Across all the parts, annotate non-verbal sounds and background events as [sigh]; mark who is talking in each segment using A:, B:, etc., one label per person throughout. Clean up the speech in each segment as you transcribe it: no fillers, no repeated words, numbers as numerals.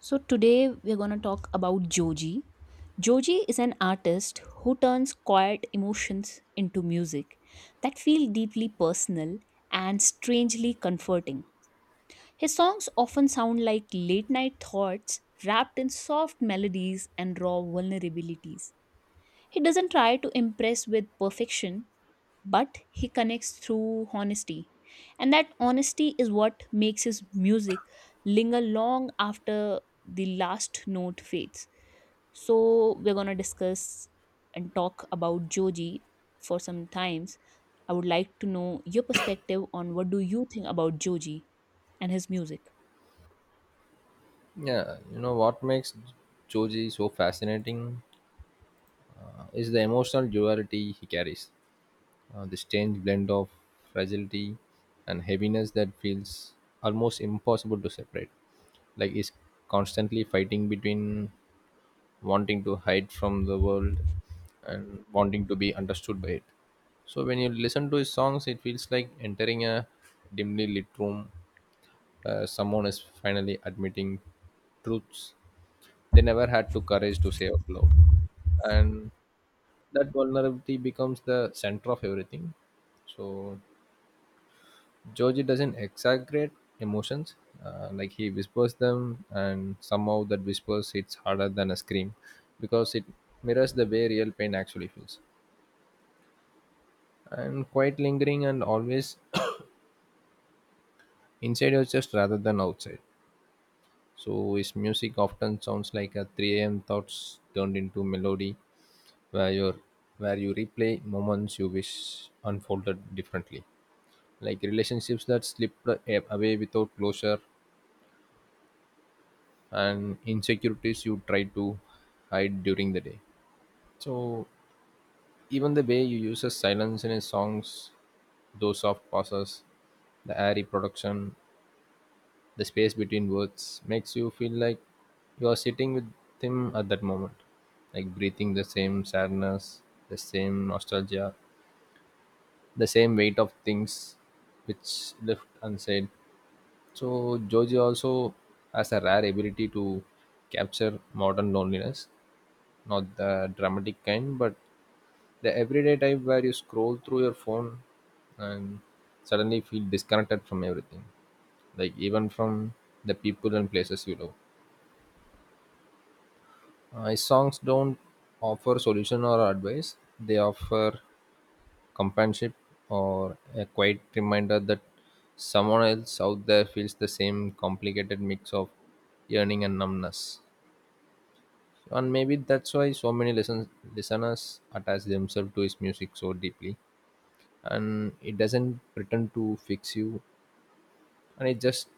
A: So, today we're going to talk about Joji. Joji is an artist who turns quiet emotions into music that feel deeply personal and strangely comforting. His songs often sound like late night thoughts wrapped in soft melodies and raw vulnerabilities. He doesn't try to impress with perfection, but he connects through honesty. And that honesty is what makes his music linger long after the last note fades. So, we're going to discuss and talk about Joji for some times. I would like to know your perspective on what do you think about Joji and his music.
B: Yeah, you know what makes Choji so fascinating, is the emotional duality he carries. This strange blend of fragility and heaviness that feels almost impossible to separate. Like he's constantly fighting between wanting to hide from the world and wanting to be understood by it. So when you listen to his songs, it feels like entering a dimly lit room where someone is finally admitting truths they never had to courage to say out loud, and that vulnerability becomes the center of everything. So georgie doesn't exaggerate emotions, like he whispers them and somehow that whispers hits harder than a scream, because it mirrors the way real pain actually feels and quite lingering and always [coughs] [clears throat] inside your chest rather than outside. So his music often sounds like a 3 a.m thoughts turned into melody, where you where you replay moments you wish unfolded differently, like relationships that away without closure and insecurities you try to hide during the day. So even the way you use a silence in his songs, those soft pauses, the airy production, the space between words makes you feel like you are sitting with him at that moment, like breathing the same sadness, the same nostalgia, the same weight of things which left unsaid. So Joji also has a rare ability to capture modern loneliness, not the dramatic kind, but the everyday type where you scroll through your phone and suddenly feel disconnected from everything, like even from the people and places you love. His songs don't offer solution or advice; they offer companionship or a quiet reminder that someone else out there feels the same complicated mix of yearning and numbness. And maybe that's why so many listeners attach themselves to his music so deeply. And it doesn't pretend to fix you, and it just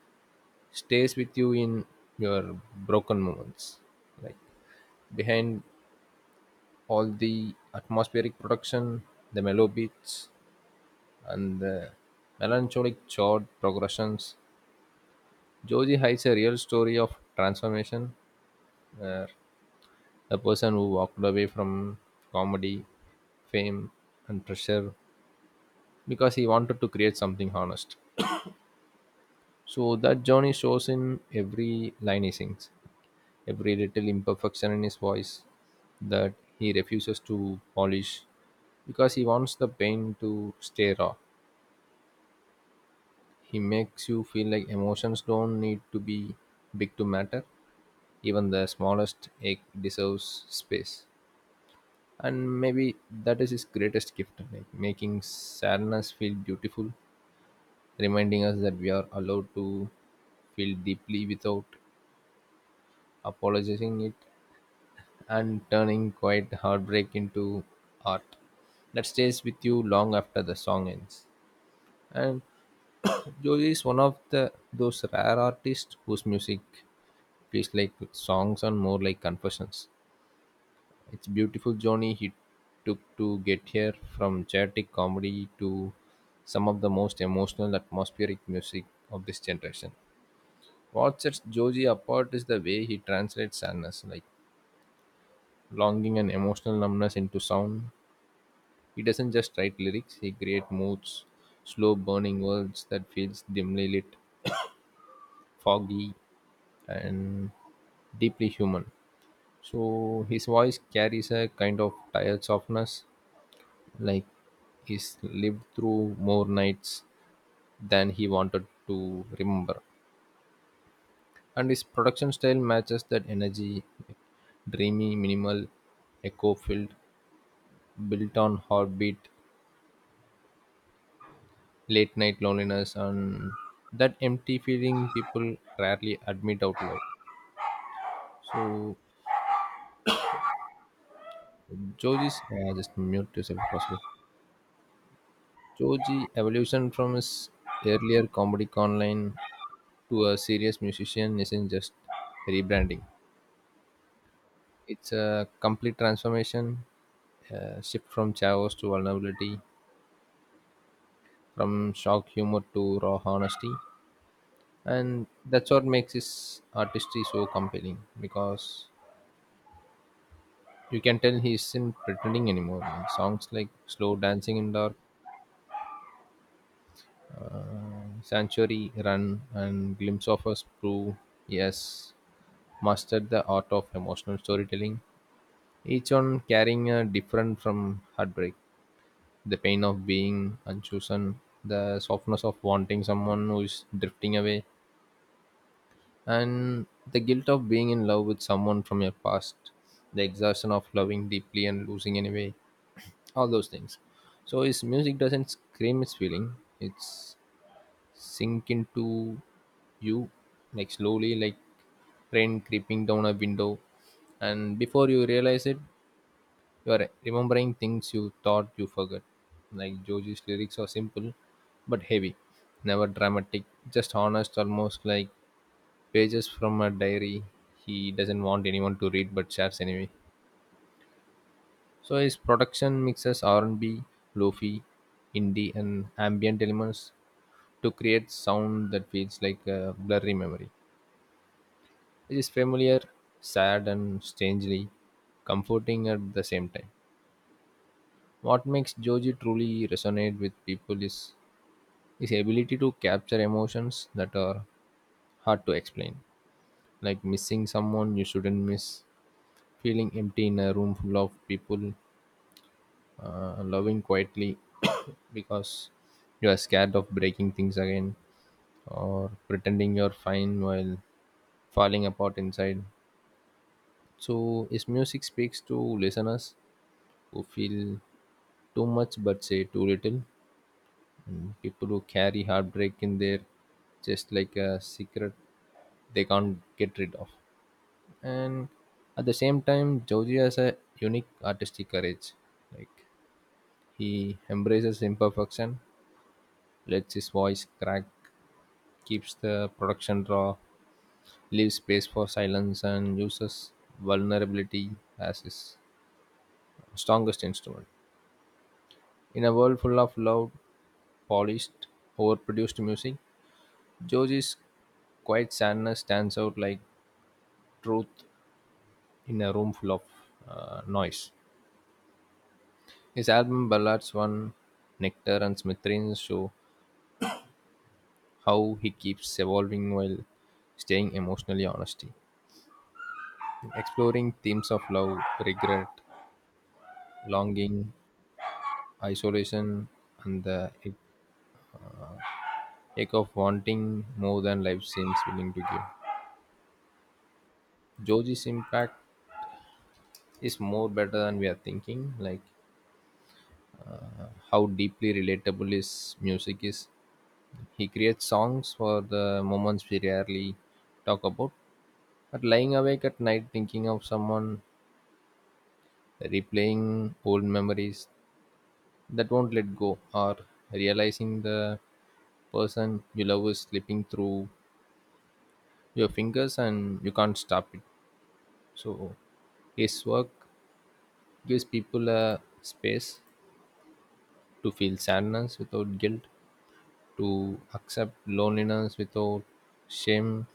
B: stays with you in your broken moments. Like behind all the atmospheric production, the mellow beats, and the melancholic chord progressions, Joji hides a real story of transformation, where a person who walked away from comedy, fame, and pressure because he wanted to create something honest. So that journey shows in every line he sings, every little imperfection in his voice that he refuses to polish because he wants the pain to stay raw. He makes you feel like emotions don't need to be big to matter, even the smallest ache deserves space. And maybe that is his greatest gift, like making sadness feel beautiful, reminding us that we are allowed to feel deeply without apologizing it, and turning quiet heartbreak into art that stays with you long after the song ends. And jolie is one of the those rare artists whose music feels like songs and more like confessions. It's beautiful journey he took to get here, from chaotic comedy to some of the most emotional atmospheric music of this generation. What sets Joji apart is the way he translates sadness, like longing and emotional numbness, into sound. He doesn't just write lyrics, he creates moods, slow burning words that feels dimly lit, foggy, and deeply human. So his voice carries a kind of tired softness, like he's lived through more nights than he wanted to remember, and his production style matches that energy: dreamy, minimal, echo filled, built on heartbeat, late night loneliness, and that empty feeling people rarely admit out loud. So joji's, just mute yourself if possible. Joji evolution from his earlier comedy online to a serious musician isn't just rebranding. It's a complete transformation, a shift from chaos to vulnerability, from shock humor to raw honesty. And that's what makes his artistry so compelling, because you can tell he isn't pretending anymore. Like songs like Slow Dancing in Dark, uh, Sanctuary Run, and Glimpse of Us prove he has mastered the art of emotional storytelling, each one carrying a different from heartbreak: the pain of being unchosen, the softness of wanting someone who is drifting away, and the guilt of being in love with someone from your past, the exhaustion of loving deeply and losing anyway, all those things. So his music doesn't scream its feeling; it's sink into you like slowly, like rain creeping down a window, and before you realize it, you're remembering things you thought you forgot. Like Joji's lyrics are simple but heavy, never dramatic, just honest, almost like pages from a diary he doesn't want anyone to read but shares anyway. So his production mixes R&B, lofi, indie, and ambient elements to create sound that feels like a blurry memory. It is familiar, sad, and strangely comforting at the same time. What makes Joji truly resonate with people is his ability to capture emotions that are hard to explain, like missing someone you shouldn't miss, feeling empty in a room full of people, loving quietly [coughs] because you are scared of breaking things again, or pretending you're fine while falling apart inside. So his music speaks to listeners who feel too much but say too little, and people who carry heartbreak in their chest like a secret they can't get rid of. And at the same time, Joji has a unique artistic courage, like he embraces imperfection, lets his voice crack, keeps the production raw, leaves space for silence, and uses vulnerability as his strongest instrument. In a world full of loud, polished, overproduced music, Joji's quiet sadness stands out like truth in a room full of noise. His album ballads "One Nectar" and "Smithereens" show how he keeps evolving while staying emotionally honest, exploring themes of love, regret, longing, isolation, and the ache of wanting more than life seems willing to give. Joji's impact is more better than we are thinking, like how deeply relatable his music is. He creates songs for the moments we rarely talk about, but lying awake at night thinking of someone, replaying old memories that won't let go, or realizing the person you love is slipping through your fingers and you can't stop it. So his work gives people a space to feel sadness without guilt, to accept loneliness without shame,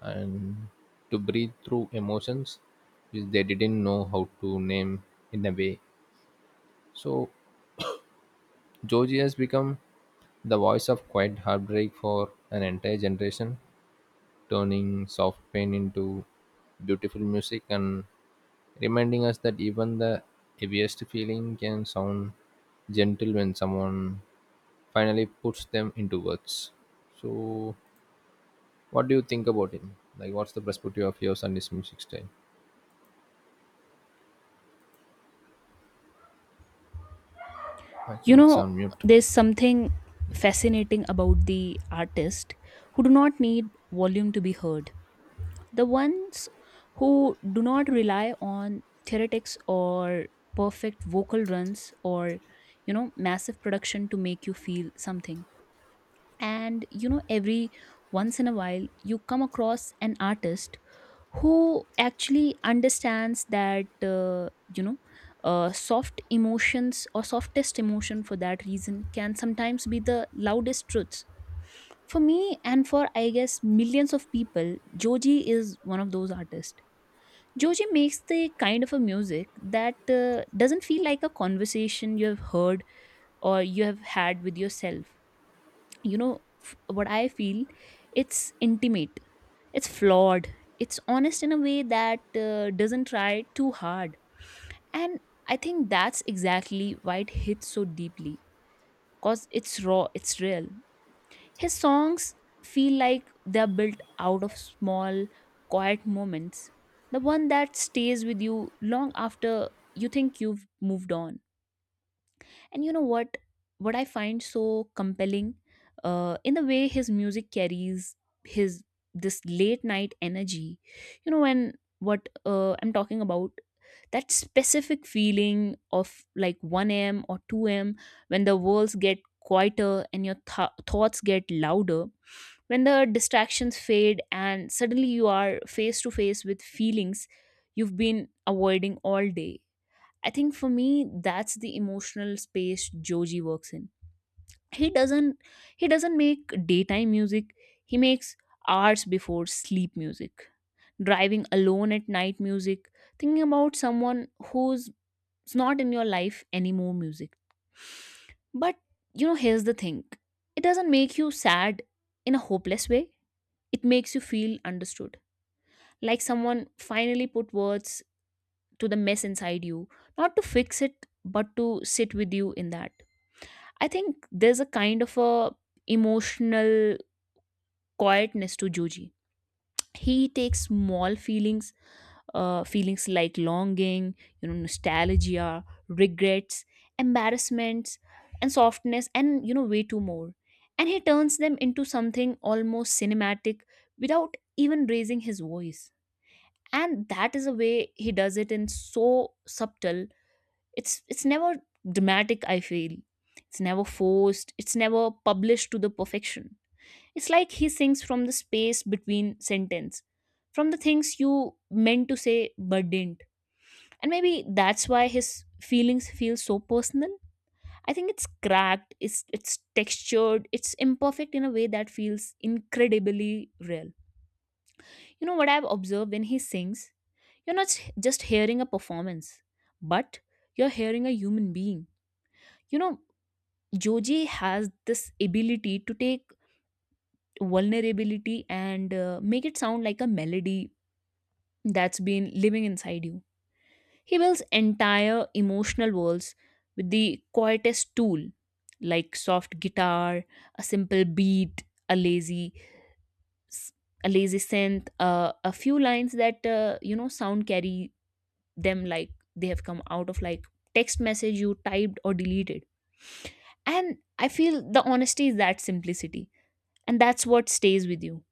B: and to breathe through emotions which they didn't know how to name in a way. So Joji has become the voice of quiet heartbreak for an entire generation, turning soft pain into beautiful music and reminding us that even the heaviest feeling can sound gentle when someone finally puts them into words. So, what do you think about him? Like, what's the perspective of your on music style? I
A: You
B: think it's
A: know,
B: on mute.
A: there's something fascinating about the artist who do not need volume to be heard. The ones who do not rely on theoretics or perfect vocal runs or massive production to make you feel something. And every once in a while you come across an artist who actually understands that soft emotions or softest emotion for that reason can sometimes be the loudest truths for me, and for I guess millions of people, Joji is one of those artists. Joji makes the kind of a music that doesn't feel like a conversation you have heard or you have had with yourself. What I feel, it's intimate, it's flawed, it's honest in a way that doesn't try too hard. And I think that's exactly why it hits so deeply, cause it's raw, it's real. His songs feel like they're built out of small, quiet moments, the one that stays with you long after you think you've moved on. And you know what? What I find so compelling, in the way his music carries his this late night energy. You know, when what I'm talking about, that specific feeling of like 1 a.m. or 2 a.m., when the worlds get quieter and your thoughts get louder, when the distractions fade and suddenly you are face to face with feelings you've been avoiding all day. I think for me that's the emotional space Joji works in. He doesn't he doesn't make daytime music. He makes hours before sleep music. Driving alone at night music. Thinking about someone who's not in your life anymore music. But you know, here's the thing. It doesn't make you sad in a hopeless way. It makes you feel understood. Like someone finally put words to the mess inside you, not to fix it, but to sit with you in that. I think there's a kind of a emotional quietness to Joji. He takes small feelings, feelings like longing, you know, nostalgia, regrets, embarrassments, and softness, and way too more. And he turns them into something almost cinematic without even raising his voice. And that is a way he does it in so subtle, it's never dramatic, I feel. It's never forced, it's never published to the perfection. It's like he sings from the space between sentence, from the things you meant to say but didn't. And maybe that's why his feelings feel so personal. I think it's cracked, it's textured, it's imperfect in a way that feels incredibly real. You know what, I've observed when he sings you're not just hearing a performance, but you're hearing a human being. You know, Joji has this ability to take vulnerability and make it sound like a melody that's been living inside you. He builds entire emotional worlds with the quietest tool, like soft guitar, a simple beat, a lazy, s- a lazy synth, a few lines that sound carry them like they have come out of like text message you typed or deleted. And I feel the honesty is that simplicity, and that's what stays with you.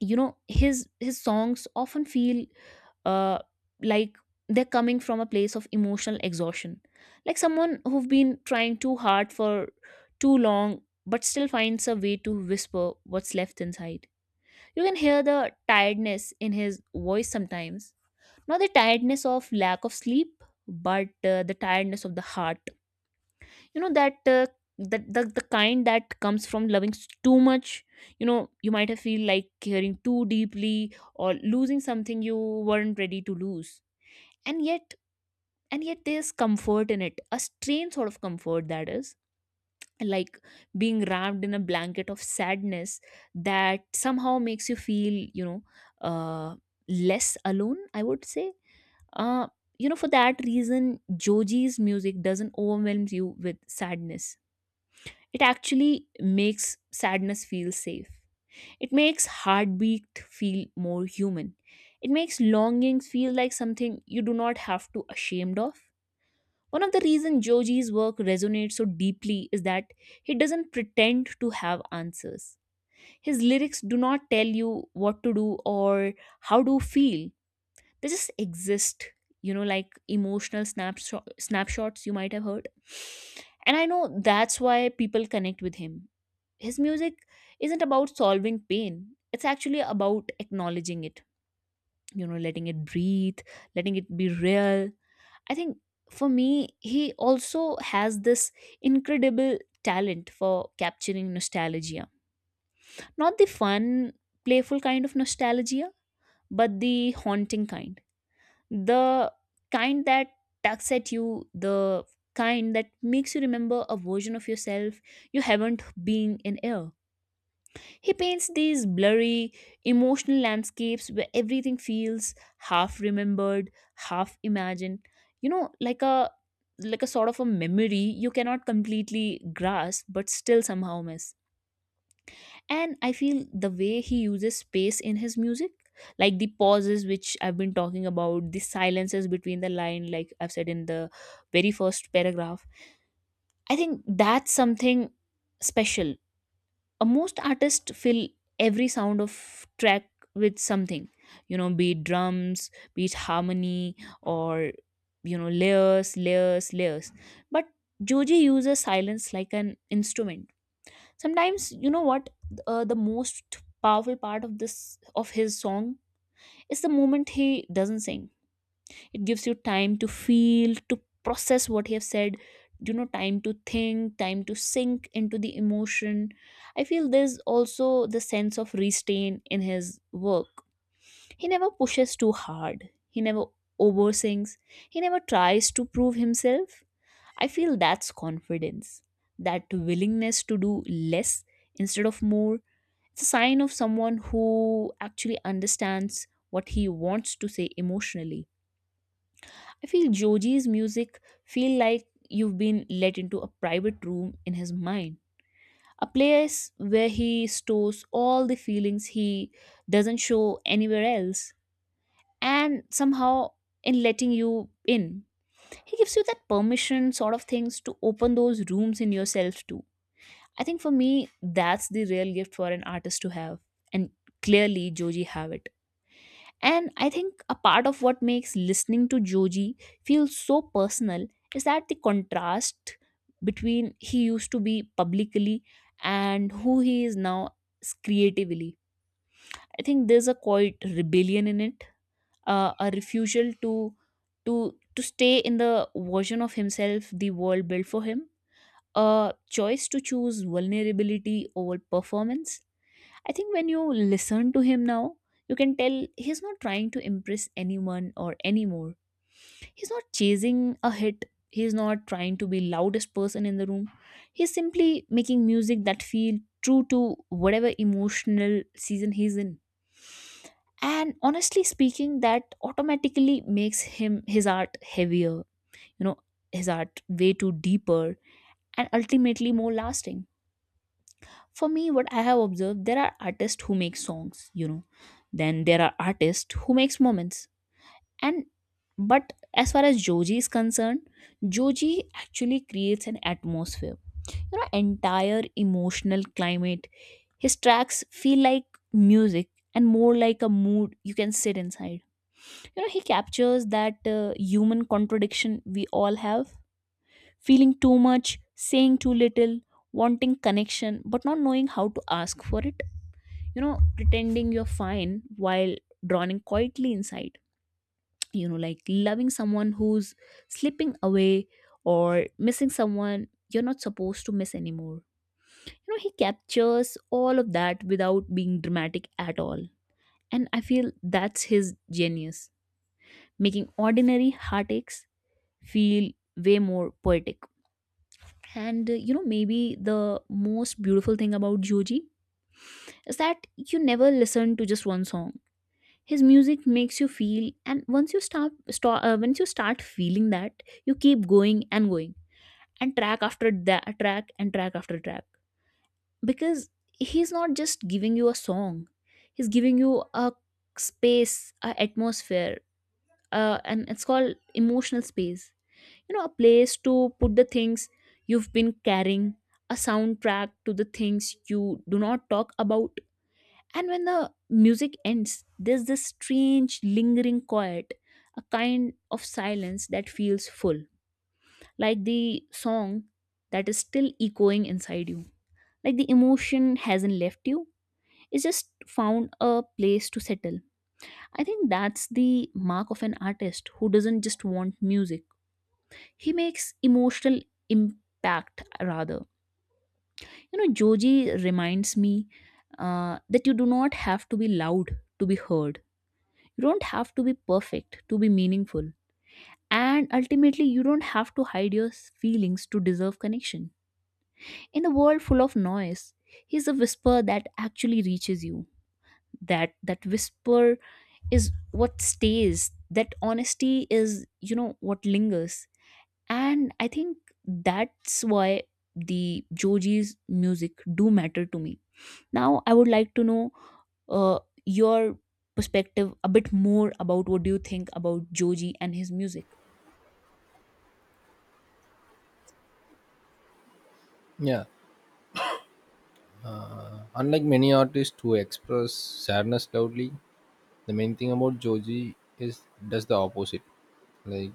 A: You know, his songs often feel uh like they're coming from a place of emotional exhaustion, like someone who've been trying too hard for too long but still finds a way to whisper what's left inside. You can hear the tiredness in his voice sometimes, not the tiredness of lack of sleep but the tiredness of the heart. You know that, the kind that comes from loving too much. You know, you might have feel like caring too deeply or losing something you weren't ready to lose. And yet and yet there's comfort in it, a strange sort of comfort that is like being wrapped in a blanket of sadness that somehow makes you feel, you know, uh less alone, I would say. uh you know, for that reason Joji's music doesn't overwhelm you with sadness, it actually makes sadness feel safe. It makes heartbeat feel more human. It makes longings feel like something you do not have to ashamed of. One of the reasons Joji's work resonates so deeply is that he doesn't pretend to have answers. His lyrics do not tell you what to do or how to feel, they just exist, you know, like emotional snapshots you might have heard. And I know that's why people connect with him. His music isn't about solving pain, it's actually about acknowledging it, you know, letting it breathe, letting it be real. I think for me, he also has this incredible talent for capturing nostalgia, not the fun, playful kind of nostalgia, but the haunting kind, the kind that tugs at you, the kind that makes you remember a version of yourself you haven't been in air. He paints these blurry, emotional landscapes where everything feels half remembered, half imagined. You know, like a sort of a memory you cannot completely grasp but still somehow miss. And I feel the way he uses space in his music, like the pauses which I've been talking about, the silences between the line, like I've said in the very first paragraph, I think that's something special. Most artists fill every sound of track with something, you know, be it drums, be it harmony, or you know, layers. But Joji uses silence like an instrument. Sometimes, you know what, the most powerful part of this of his song is the moment he doesn't sing. It gives you time to feel, to process what he have said, you know, time to think, time to sink into the emotion. I feel there's also the sense of restraint in his work. He never pushes too hard, he never oversings. He never tries to prove himself. I feel that's confidence, that willingness to do less instead of more. It's a sign of someone who actually understands what he wants to say emotionally. I feel Joji's music feel like you've been let into a private room in his mind, a place where he stores all the feelings he doesn't show anywhere else. And somehow, in letting you in, he gives you that permission sort of things to open those rooms in yourself too. I think for me, that's the real gift for an artist to have. And clearly, Joji have it. And I think a part of what makes listening to Joji feel so personal is that the contrast between he used to be publicly and who he is now creatively. I think there's a quite rebellion in it, a refusal to stay in the version of himself the world built for him, a choice to choose vulnerability over performance. I think when you listen to him now, you can tell he's not trying to impress anyone or anymore. He's not chasing a hit. He's not trying to be loudest person in the room. He's simply making music that feel true to whatever emotional season he's in. And honestly speaking, that automatically makes him his art heavier, you know, his art way too deeper and ultimately more lasting. For me, what I have observed, there are artists who make songs, you know, then there are artists who makes moments. And but as far as Joji is concerned, Joji actually creates an atmosphere, you know, entire emotional climate. His tracks feel like music and more like a mood you can sit inside. You know, he captures that human contradiction we all have, feeling too much, saying too little, wanting connection but not knowing how to ask for it, you know, pretending you're fine while drowning quietly inside, you know, like loving someone who's slipping away or missing someone you're not supposed to miss anymore. You know, he captures all of that without being dramatic at all, and I feel that's his genius, making ordinary heartaches feel way more poetic. And you know, maybe the most beautiful thing about Joji is that you never listen to just one song. His music makes you feel, and once you start, start once you start feeling that you keep going and going and track after track. Because he's not just giving you a song, he's giving you a space, a atmosphere, and it's called emotional space, you know, a place to put the things you've been carrying, a soundtrack to the things you do not talk about. And when the music ends, there's this strange lingering quiet, a kind of silence that feels full, like the song that is still echoing inside you. Like the emotion hasn't left you, it's just found a place to settle. I think that's the mark of an artist who doesn't just want music, he makes emotional impact rather. You know, Joji reminds me, that you do not have to be loud to be heard. You don't have to be perfect to be meaningful. And ultimately, you don't have to hide your feelings to deserve connection. In a world full of noise, he's a whisper that actually reaches you. That whisper is what stays. That honesty is, you know, what lingers. And I think that's why the Joji's music do matter to me. Now I would like to know, uh, your perspective a bit more about what do you think about Joji and his music.
B: Yeah, unlike many artists who express sadness loudly, the main thing about Joji is does the opposite. Like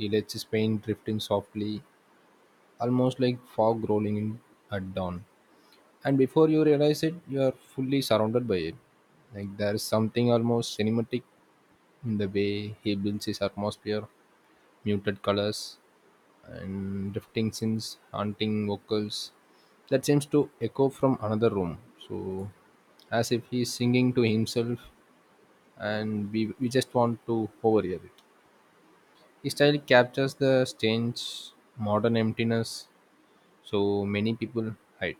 B: he lets his pain drift in softly, almost like fog rolling in at dawn. And before you realize it, you are fully surrounded by it. Like there is something almost cinematic in the way he builds his atmosphere, muted colors, and drifting sins, haunting vocals that seems to echo from another room. So, as if he's singing to himself, and we just want to overhear it. His style captures the strange modern emptiness so many people hide.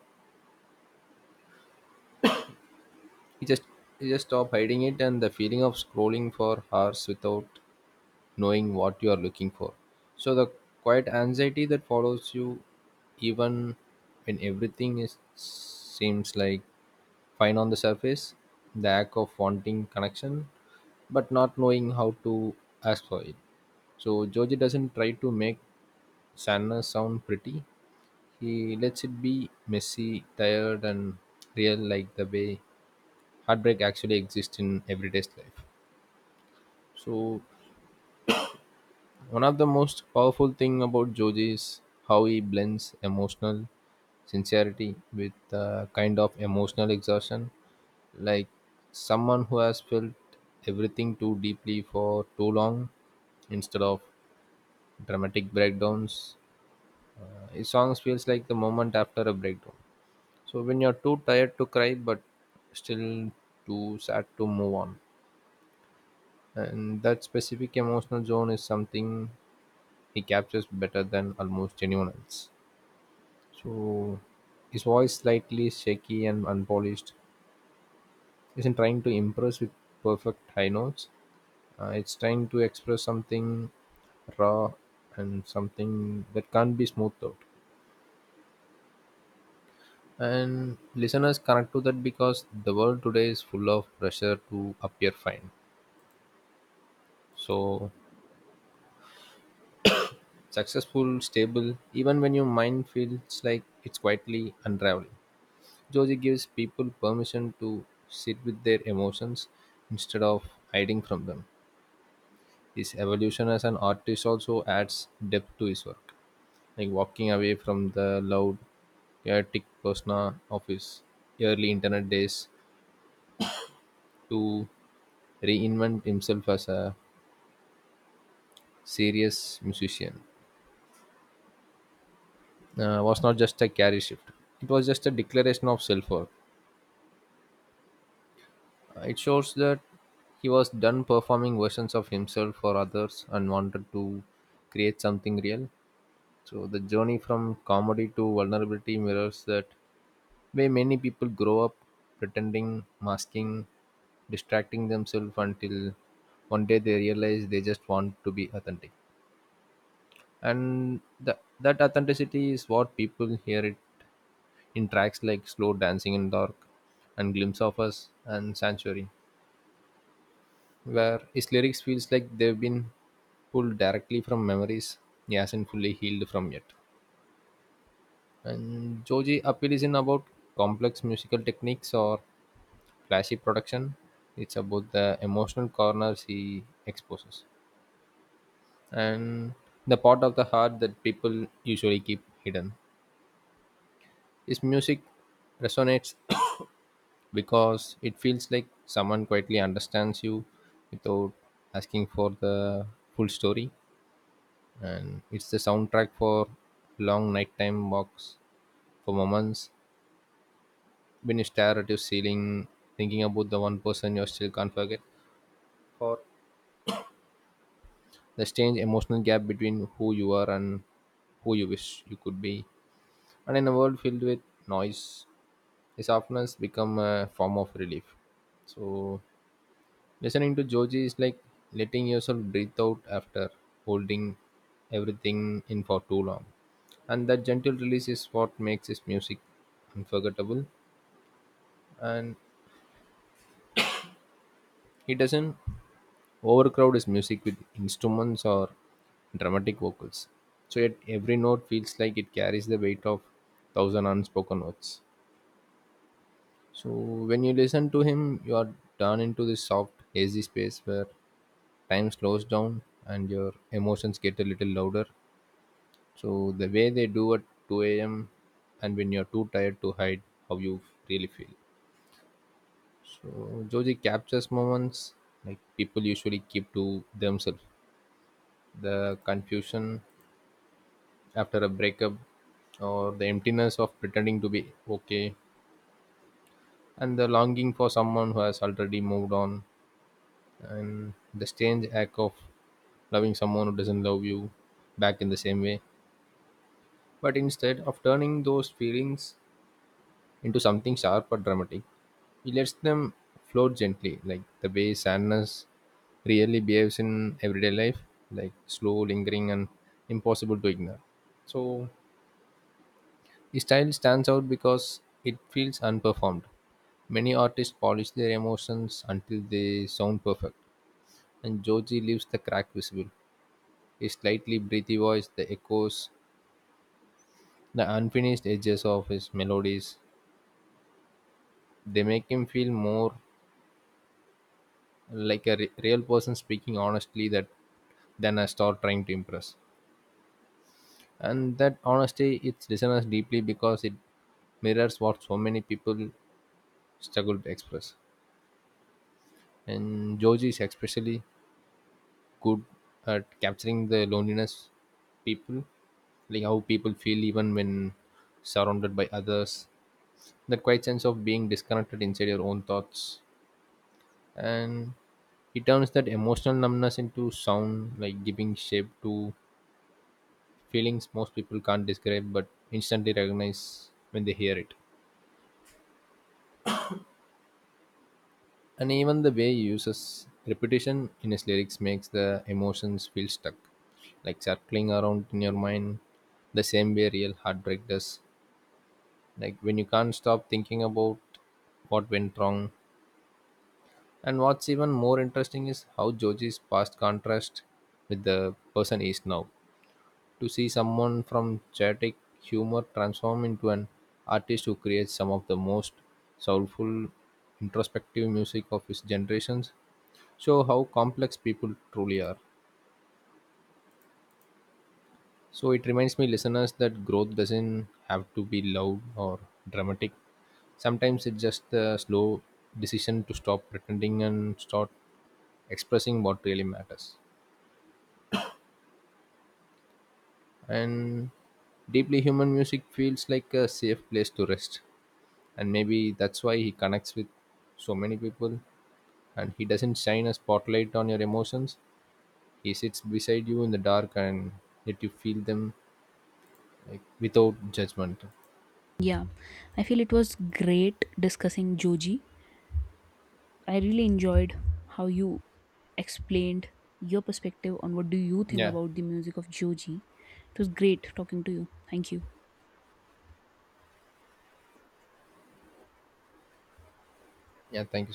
B: You just you just stop hiding it, and the feeling of scrolling for hours without knowing what you are looking for. So the quiet anxiety that follows you even when everything is seems like fine on the surface, the act of wanting connection but not knowing how to ask for it. So Joji doesn't try to make sadness sound pretty. He lets it be messy, tired, and real, like the way heartbreak actually exists in everyday life. So one of the most powerful thing about Joji is how he blends emotional sincerity with a kind of emotional exhaustion. Like someone who has felt everything too deeply for too long instead of dramatic breakdowns. His songs feels like the moment after a breakdown. So when you're too tired to cry but still too sad to move on. And that specific emotional zone is something he captures better than almost anyone else. So his voice, slightly shaky and unpolished, isn't trying to impress with perfect high notes. It's trying to express something raw and something that can't be smoothed out. And listeners connect to that because the world today is full of pressure to appear fine. So successful, stable, even when your mind feels like it's quietly unraveling. Joji gives people permission to sit with their emotions instead of hiding from them. His evolution as an artist also adds depth to his work, like walking away from the loud, chaotic persona of his early internet days to reinvent himself as a serious musician. Was not just a carry shift; it was just a declaration of self-worth. It shows that he was done performing versions of himself for others and wanted to create something real. So the journey from comedy to vulnerability mirrors that, where many people grow up pretending, masking, distracting themselves until one day they realize they just want to be authentic. And that authenticity is what people hear it in tracks like Slow Dancing in Dark and Glimpse of Us and Sanctuary, where his lyrics feels like they've been pulled directly from memories he hasn't fully healed from yet. And Joji appeal isn't about complex musical techniques or flashy production. It's about the emotional corners he exposes and the part of the heart that people usually keep hidden. His music resonates [coughs] because it feels like someone quietly understands you without asking for the full story. And it's the soundtrack for long nighttime walks, for moments when you stare at your ceiling, thinking about the one person you still can't forget. For the strange emotional gap between who you are and who you wish you could be. And in a world filled with noise, this often has become a form of relief. So, listening to Joji is like letting yourself breathe out after holding everything in for too long. And that gentle release is what makes his music unforgettable. And he doesn't Overcrowd is music with instruments or dramatic vocals. So yet every note feels like it carries the weight of thousand unspoken words. So when you listen to him, you are drawn into this soft, hazy space where time slows down and your emotions get a little louder. So the way they do at 2 a.m. and when you're too tired to hide how you really feel. So Joji captures moments like people usually keep to themselves. The confusion after a breakup, or the emptiness of pretending to be okay, and the longing for someone who has already moved on, and the strange act of loving someone who doesn't love you back in the same way. But instead of turning those feelings into something sharp or dramatic, he lets them float gently, like the way sadness really behaves in everyday life, like slow, lingering and impossible to ignore. So his style stands out because it feels unperformed. Many artists polish their emotions until they sound perfect, and Joji leaves the crack visible. His slightly breathy voice, the echoes, the unfinished edges of his melodies, they make him feel more like a real person speaking honestly that than a star trying to impress. And that honesty hits listeners deeply because it mirrors what so many people struggle to express. And Joji is especially good at capturing the loneliness people like how people feel even when surrounded by others, that quiet sense of being disconnected inside your own thoughts. And he turns that emotional numbness into sound, like giving shape to feelings most people can't describe but instantly recognize when they hear it. And even the way he uses repetition in his lyrics makes the emotions feel stuck, like circling around in your mind the same way real heartbreak does, like when you can't stop thinking about what went wrong. And what's even more interesting is how Joji's past contrast with the person he is now. To see someone from chaotic humor transform into an artist who creates some of the most soulful, introspective music of his generations show how complex people truly are. So it reminds me listeners that growth doesn't have to be loud or dramatic. Sometimes it's just the slow decision to stop pretending and start expressing what really matters. And deeply human music feels like a safe place to rest, and maybe that's why he connects with so many people. And he doesn't shine a spotlight on your emotions, he sits beside you in the dark and let you feel them, like without judgment.
A: Yeah, I feel it was great discussing Joji. I really enjoyed how you explained your perspective on what do you think
B: Yeah.
A: about the music of Joji. It was great talking to you. Thank you.
B: Yeah, thank you